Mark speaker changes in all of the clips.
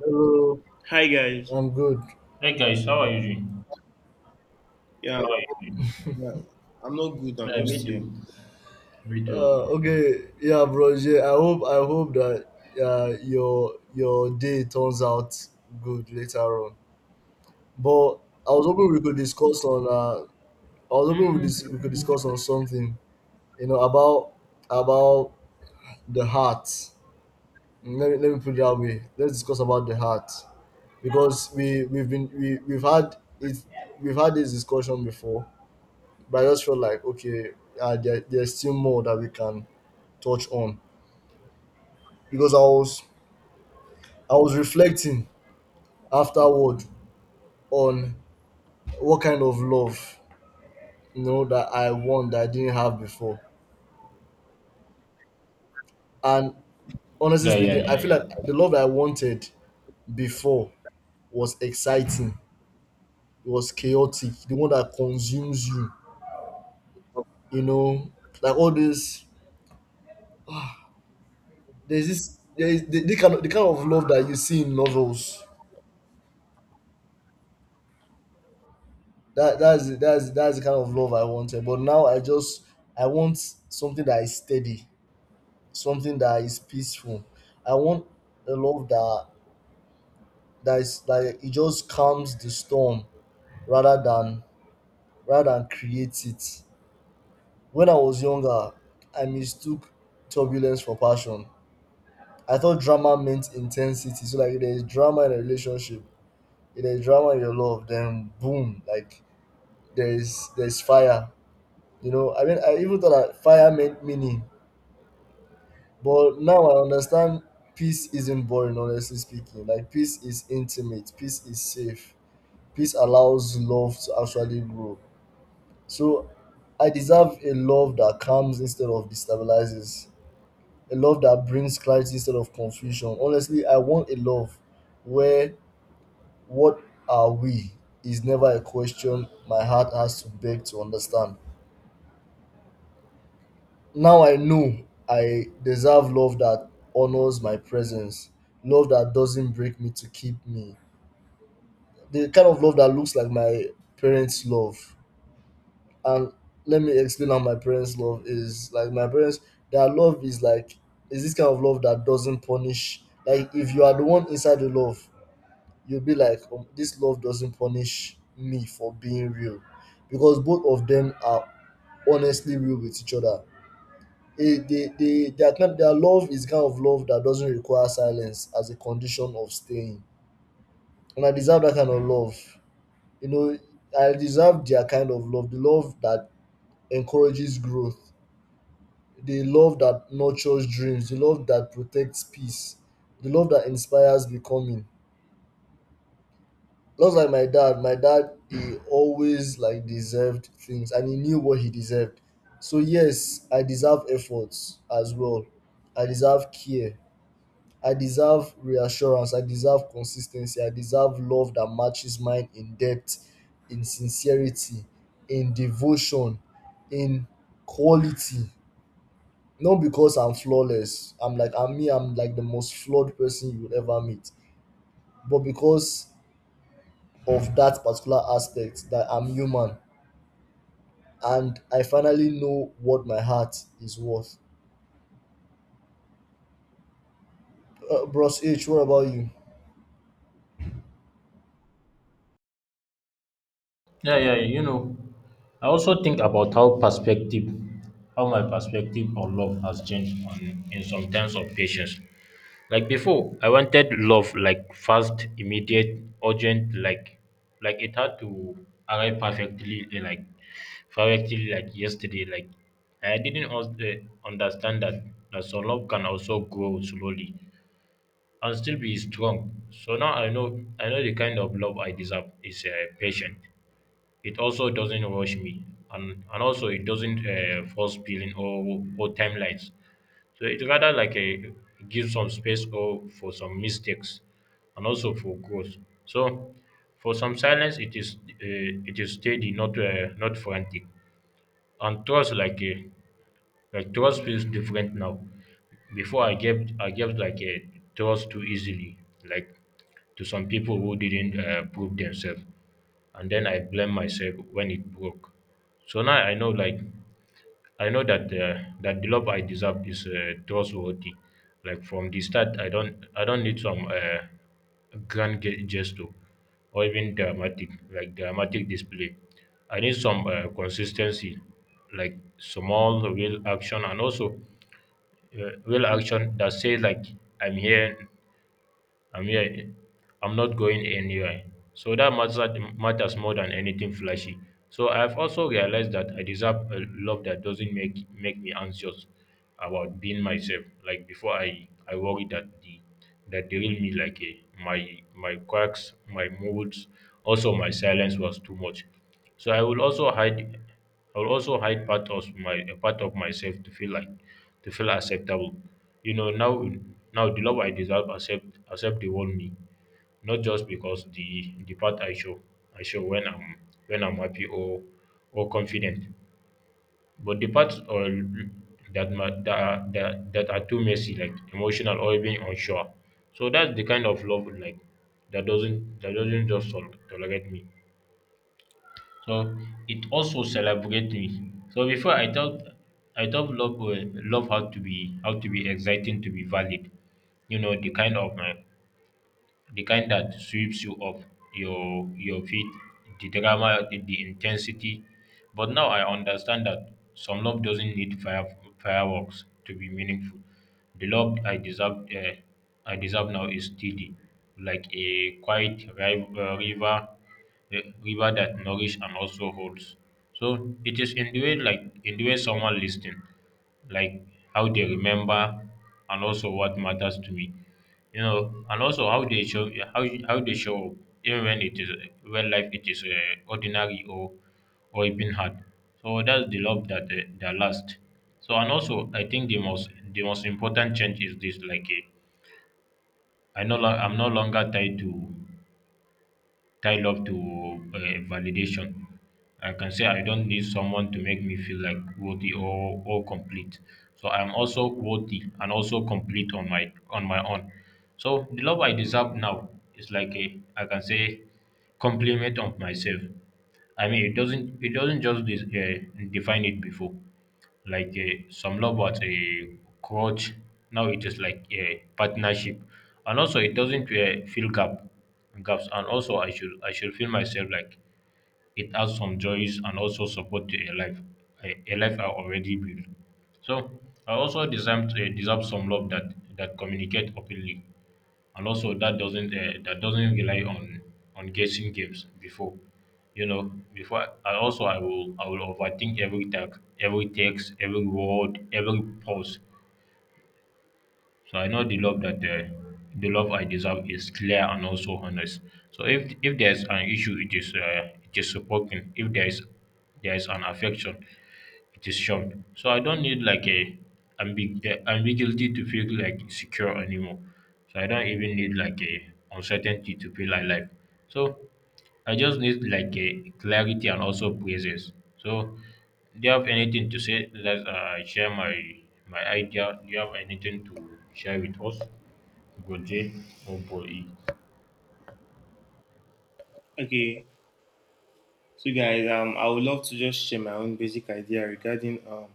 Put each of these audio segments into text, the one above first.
Speaker 1: Hello,
Speaker 2: Hi guys.
Speaker 1: I'm good.
Speaker 3: Hey guys, how are you doing?
Speaker 2: Yeah,
Speaker 3: How are you doing?
Speaker 2: yeah. I'm not good. I'm
Speaker 3: Yeah, me
Speaker 2: just here.
Speaker 3: too. Me too. I'm good.
Speaker 1: Okay, yeah, bro. Jay, I hope that your day turns out good later on. But I was hoping we could discuss on. Uh, I was hoping
Speaker 3: Mm,
Speaker 1: we could discuss on something. You know about about the heart. Let me put it that way. Let's discuss about the heart because we've had it we've had this discussion before. But I just felt like okay, there's still more that we can touch on because I was reflecting afterward on what kind of love that I want that I didn't have before. And honestly
Speaker 3: yeah, yeah,
Speaker 1: speaking, I
Speaker 3: yeah,
Speaker 1: feel like
Speaker 3: yeah,
Speaker 1: the love that I wanted before was exciting. It was chaotic. The one that consumes you, you know, like all this. There's this. There is the kind of love that you see in novels that that's the kind of love I wanted. But now I want something that is steady, something that is peaceful. I want a love that is like it just calms the storm rather than rather than create it. When I was younger, I mistook turbulence for passion. I thought drama meant intensity. So like if there's drama in a relationship, if there's drama in your love, then boom, like there's fire. I even thought that fire meant meaning, but now I understand peace isn't boring, honestly speaking. Like, peace is intimate, peace is safe, peace allows love to actually grow. So, I deserve a love that calms instead of destabilizes, a love that brings clarity instead of confusion. Honestly, I want a love where what are we is never a question my heart has to beg to understand. Now I know I deserve love that honors my presence, love that doesn't break me to keep me. The kind of love that looks like my parents' love. And let me explain how my parents' love is. Like my parents, their love is like is this kind of love that doesn't punish. Like if you are the one inside the love, you'll be like, this love doesn't punish me for being real, because both of them are honestly real with each other. It, they, their, kind- Their love is kind of love that doesn't require silence as a condition of staying. And I deserve that kind of love. You know, I deserve their kind of love, the love that encourages growth, the love that nurtures dreams, the love that protects peace, the love that inspires becoming. Just like my dad, he always like deserved things and he knew what he deserved. So yes, I deserve efforts as well. I deserve care. I deserve reassurance. I deserve consistency. I deserve love that matches mine in depth, in sincerity, in devotion, in quality. Not because I'm flawless. I'm me. I'm like the most flawed person you will ever meet. But because of that particular aspect that I'm human, and I finally know what my heart is worth. Bros H, what about you?
Speaker 3: yeah, yeah. You know, I also think about how my perspective on love has changed in some terms of patience. Like before, I wanted love like fast, immediate, urgent, like it had to arrive perfectly, like perfectly, like yesterday. Like I didn't also, Understand that some love can also grow slowly and still be strong. So now I know the kind of love I deserve is patient. It also doesn't rush me, and also it doesn't force feeling or timelines. So it rather like a gives some space or for some mistakes, and also for growth. So for some silence, it is steady, not frantic, and trust like a like trust feels different now. Before I gave like a trust too easily, like to some people who didn't prove themselves, and then I blame myself when it broke. So now I know like I know that that the love I deserve is trustworthy. Like from the start, I don't need some grand gesture or even dramatic like dramatic display. I need some consistency, like small real action and also real action that says like I'm here I'm here. I'm not going anywhere. So matters more than anything flashy. So I've also realized that I deserve a love that doesn't make me anxious about being myself. Like before, I worry that the real me, like, my quirks, my moods, also my silence was too much. So I will also hide part of my a part of myself to feel acceptable. You know, now the love I deserve accept the whole me. Not just because the part I show when I'm happy or confident. But the parts or that ma that are that, that are too messy, like emotional or even unsure. So that's the kind of love like that doesn't just tolerate me. So it also celebrates me. So before I thought love love had to be how to be exciting to be valid. You know the kind of the kind that sweeps you off your feet, the drama, the intensity. But now I understand that some love doesn't need fireworks to be meaningful. The love I deserve, now is steady, like a quiet river, uh, river that nourishes and also holds. So it is in the way, like in the way someone listening, like how they remember, and also what matters to me. You know, and also how they show up, even when it is when life it is ordinary or even hard. So that's the love that that lasts. So and also I think the most important change is this like I'm no longer tied to tie love to validation. I can say I don't need someone to make me feel like worthy or complete. So I'm also worthy and also complete on my own. So the love I deserve now is like a I can say compliment of myself. I mean it doesn't just define it before like a some love was a crutch. Now it is like a partnership, and also it doesn't fill gaps, and also I should feel myself like it adds some joys and also support to a life a life I already built. So I also deserve, deserve some love that that communicate openly and also that doesn't rely on guessing games. Before you know before I also I will overthink every tag, every text, every word, every pause. So I know the love that the love I deserve is clear and also honest. So if there's an issue, it is spoken. If there is an affection, it is shown. So I don't need like a ambiguity to feel like secure anymore. So I don't even need like a uncertainty to feel alive. So I just need like a clarity and also praises. So, do you have anything to say? Let's share my my idea. Do you have anything to share with us, Goje or Boy?
Speaker 2: Okay. So guys, I would love to just share my own basic idea regarding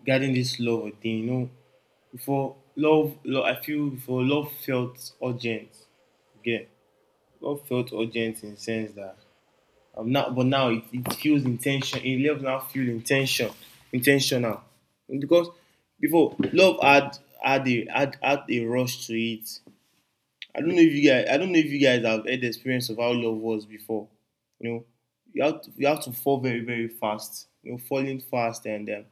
Speaker 2: regarding this love thing. You know, before love, love I feel before love felt urgent. Again, love felt urgent in the sense that now it feels intention. It love now feel intention, intentional, because before love had, had a rush to it. I don't know if you guys have had the experience of how love was before. You know, you have to fall very very fast. You know, falling fast and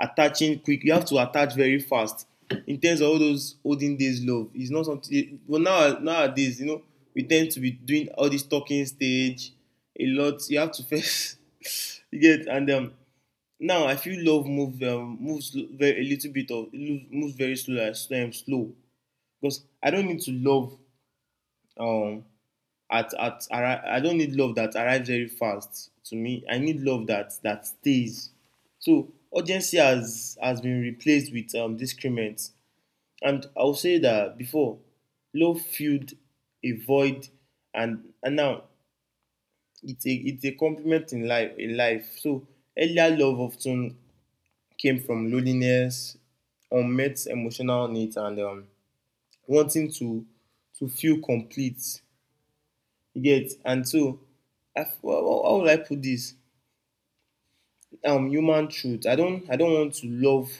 Speaker 2: attaching quick. You have to attach very fast. In terms of all those olden days love, it's not something. Well, now nowadays, you know, we tend to be doing all this talking stage a lot. You have to first you get and now I feel love move moves very a little bit of moves very slow, like, slow because I don't need to love um at I don't need love that arrives very fast to me. I need love that stays. So urgency has been replaced with discrement. And I'll say that before, love filled a void, and now it's a complement in life in life. So earlier love often came from loneliness, unmet emotional needs, and wanting to feel complete. You get and so how will I put this? Human truth. I don't want to love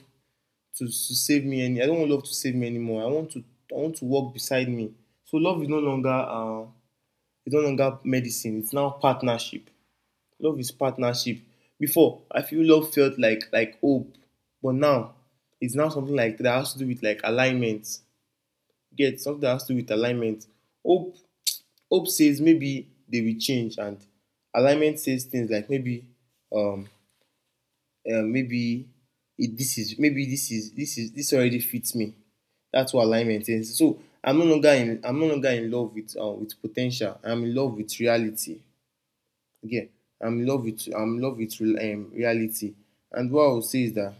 Speaker 2: to, to save me any. I don't want love to save me anymore. I want to walk beside me. So love is no longer it's no longer medicine. It's now partnership. Love is partnership. Before I feel love felt like hope, but now it's now something like that has to do with like alignment. Get something that has to do with alignment. Hope Hope says maybe they will change and alignment says things like um, maybe it, this is maybe this is this is this already fits me. That's what alignment is. So I'm no longer in I'm no longer in love with potential. I'm in love with reality. Again, I'm in love with reality. And what I would say is that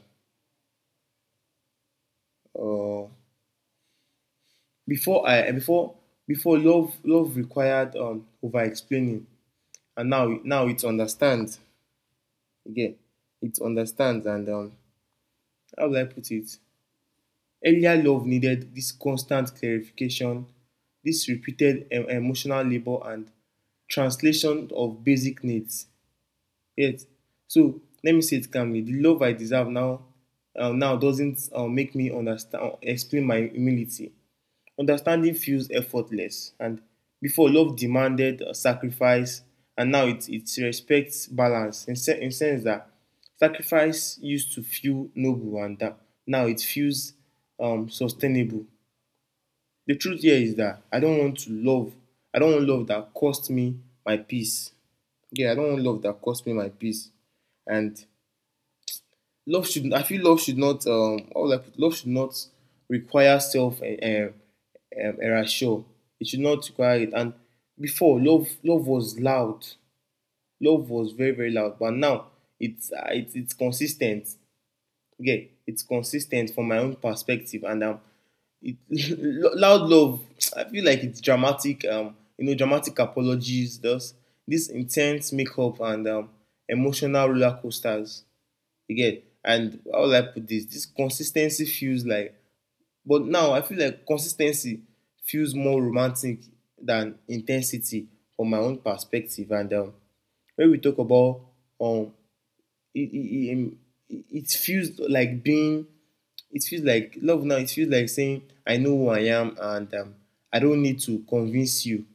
Speaker 2: uh, before I before before love required over explaining, and now it understands. Again, it understands, and how would I put it? Earlier love needed this constant clarification, this repeated emotional labor, and translation of basic needs. Yet, so let me say it calmly: the love I deserve now, doesn't make me understand, explain my humility. Understanding feels effortless, and before love demanded sacrifice, and now it respects balance in, in sense that sacrifice used to feel noble, and that now it feels sustainable. The truth here is that I don't want love that cost me my peace. Yeah, I don't want love that cost me my peace. And love should I feel love should not all I put, love should not require self erasure. It should not require it. And before love was loud. Love was very very loud. But now it's it's consistent. Okay, it's consistent from my own perspective, and it, loud love. I feel like it's dramatic. You know, dramatic apologies. Thus, this intense makeup and emotional roller coasters. Again, and how will I put this this consistency feels but now I feel like consistency feels more romantic than intensity from my own perspective. And when we talk about um it, it, it, um, it feels like being it feels like love now. It feels like saying I know who I am, and I don't need to convince you.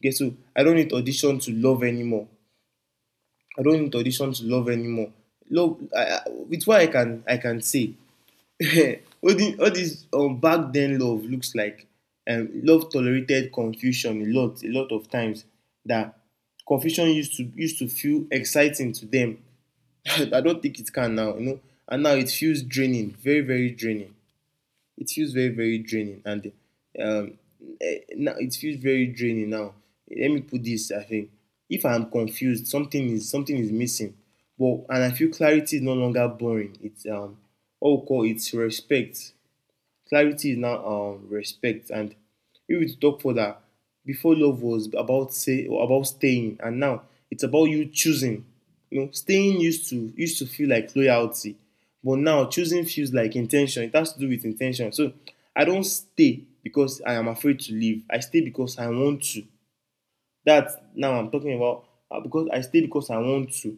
Speaker 2: Okay, so I don't need audition to love anymore. I don't need audition to love anymore. With what I can say all this back then love looks like love tolerated confusion a lot, a lot of times. That confusion used to feel exciting to them. I don't think it can now, you know. And now it feels draining, very very draining. It feels very very draining. And um, now it feels very draining now. Let me put this: I think if I'm confused, something is missing. But and I feel clarity is no longer boring. It's what we call it's respect. Clarity is now respect. And if we talk further, before love was about staying, and now it's about you choosing. You know, staying used to feel like loyalty, but now choosing feels like intention. It has to do with intention. So I don't stay because I am afraid to leave. I stay because I want to. That now I'm talking about because I stay because I want to.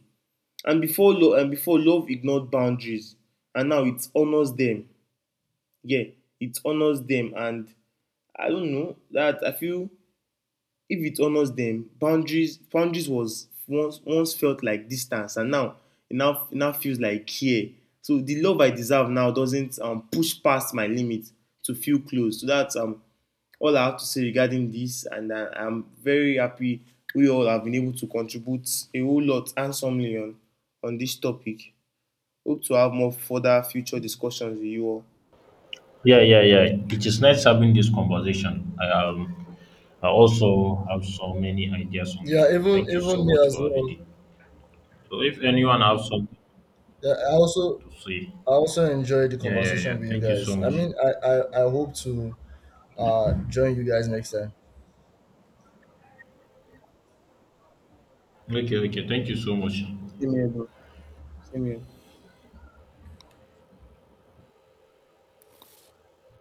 Speaker 2: And and before love ignored boundaries, and now it honors them. Yeah, it honors them, and I don't know that I feel if it honors them, boundaries was once felt like distance, and now it now it now feels like care. So the love I deserve now doesn't push past my limit to feel close. So that's all I have to say regarding this, and I'm very happy we all have been able to contribute a whole lot handsomely on this topic. Hope to have more further future discussions with you all.
Speaker 3: Yeah, yeah, yeah. It is nice having this conversation. I also have so many ideas on
Speaker 1: Yeah,
Speaker 3: it. Thank you so
Speaker 1: even me
Speaker 3: much
Speaker 1: as
Speaker 3: for having
Speaker 1: well.
Speaker 3: it. So, if anyone has something
Speaker 1: Yeah,
Speaker 3: to say,
Speaker 1: I also enjoyed the
Speaker 3: yeah, yeah, yeah.
Speaker 1: conversation with you
Speaker 3: Thank you so
Speaker 1: guys. I
Speaker 3: much.
Speaker 1: mean, I hope to join you guys next time.
Speaker 3: Okay, okay. Thank you so much.
Speaker 2: Same here, bro. Same here.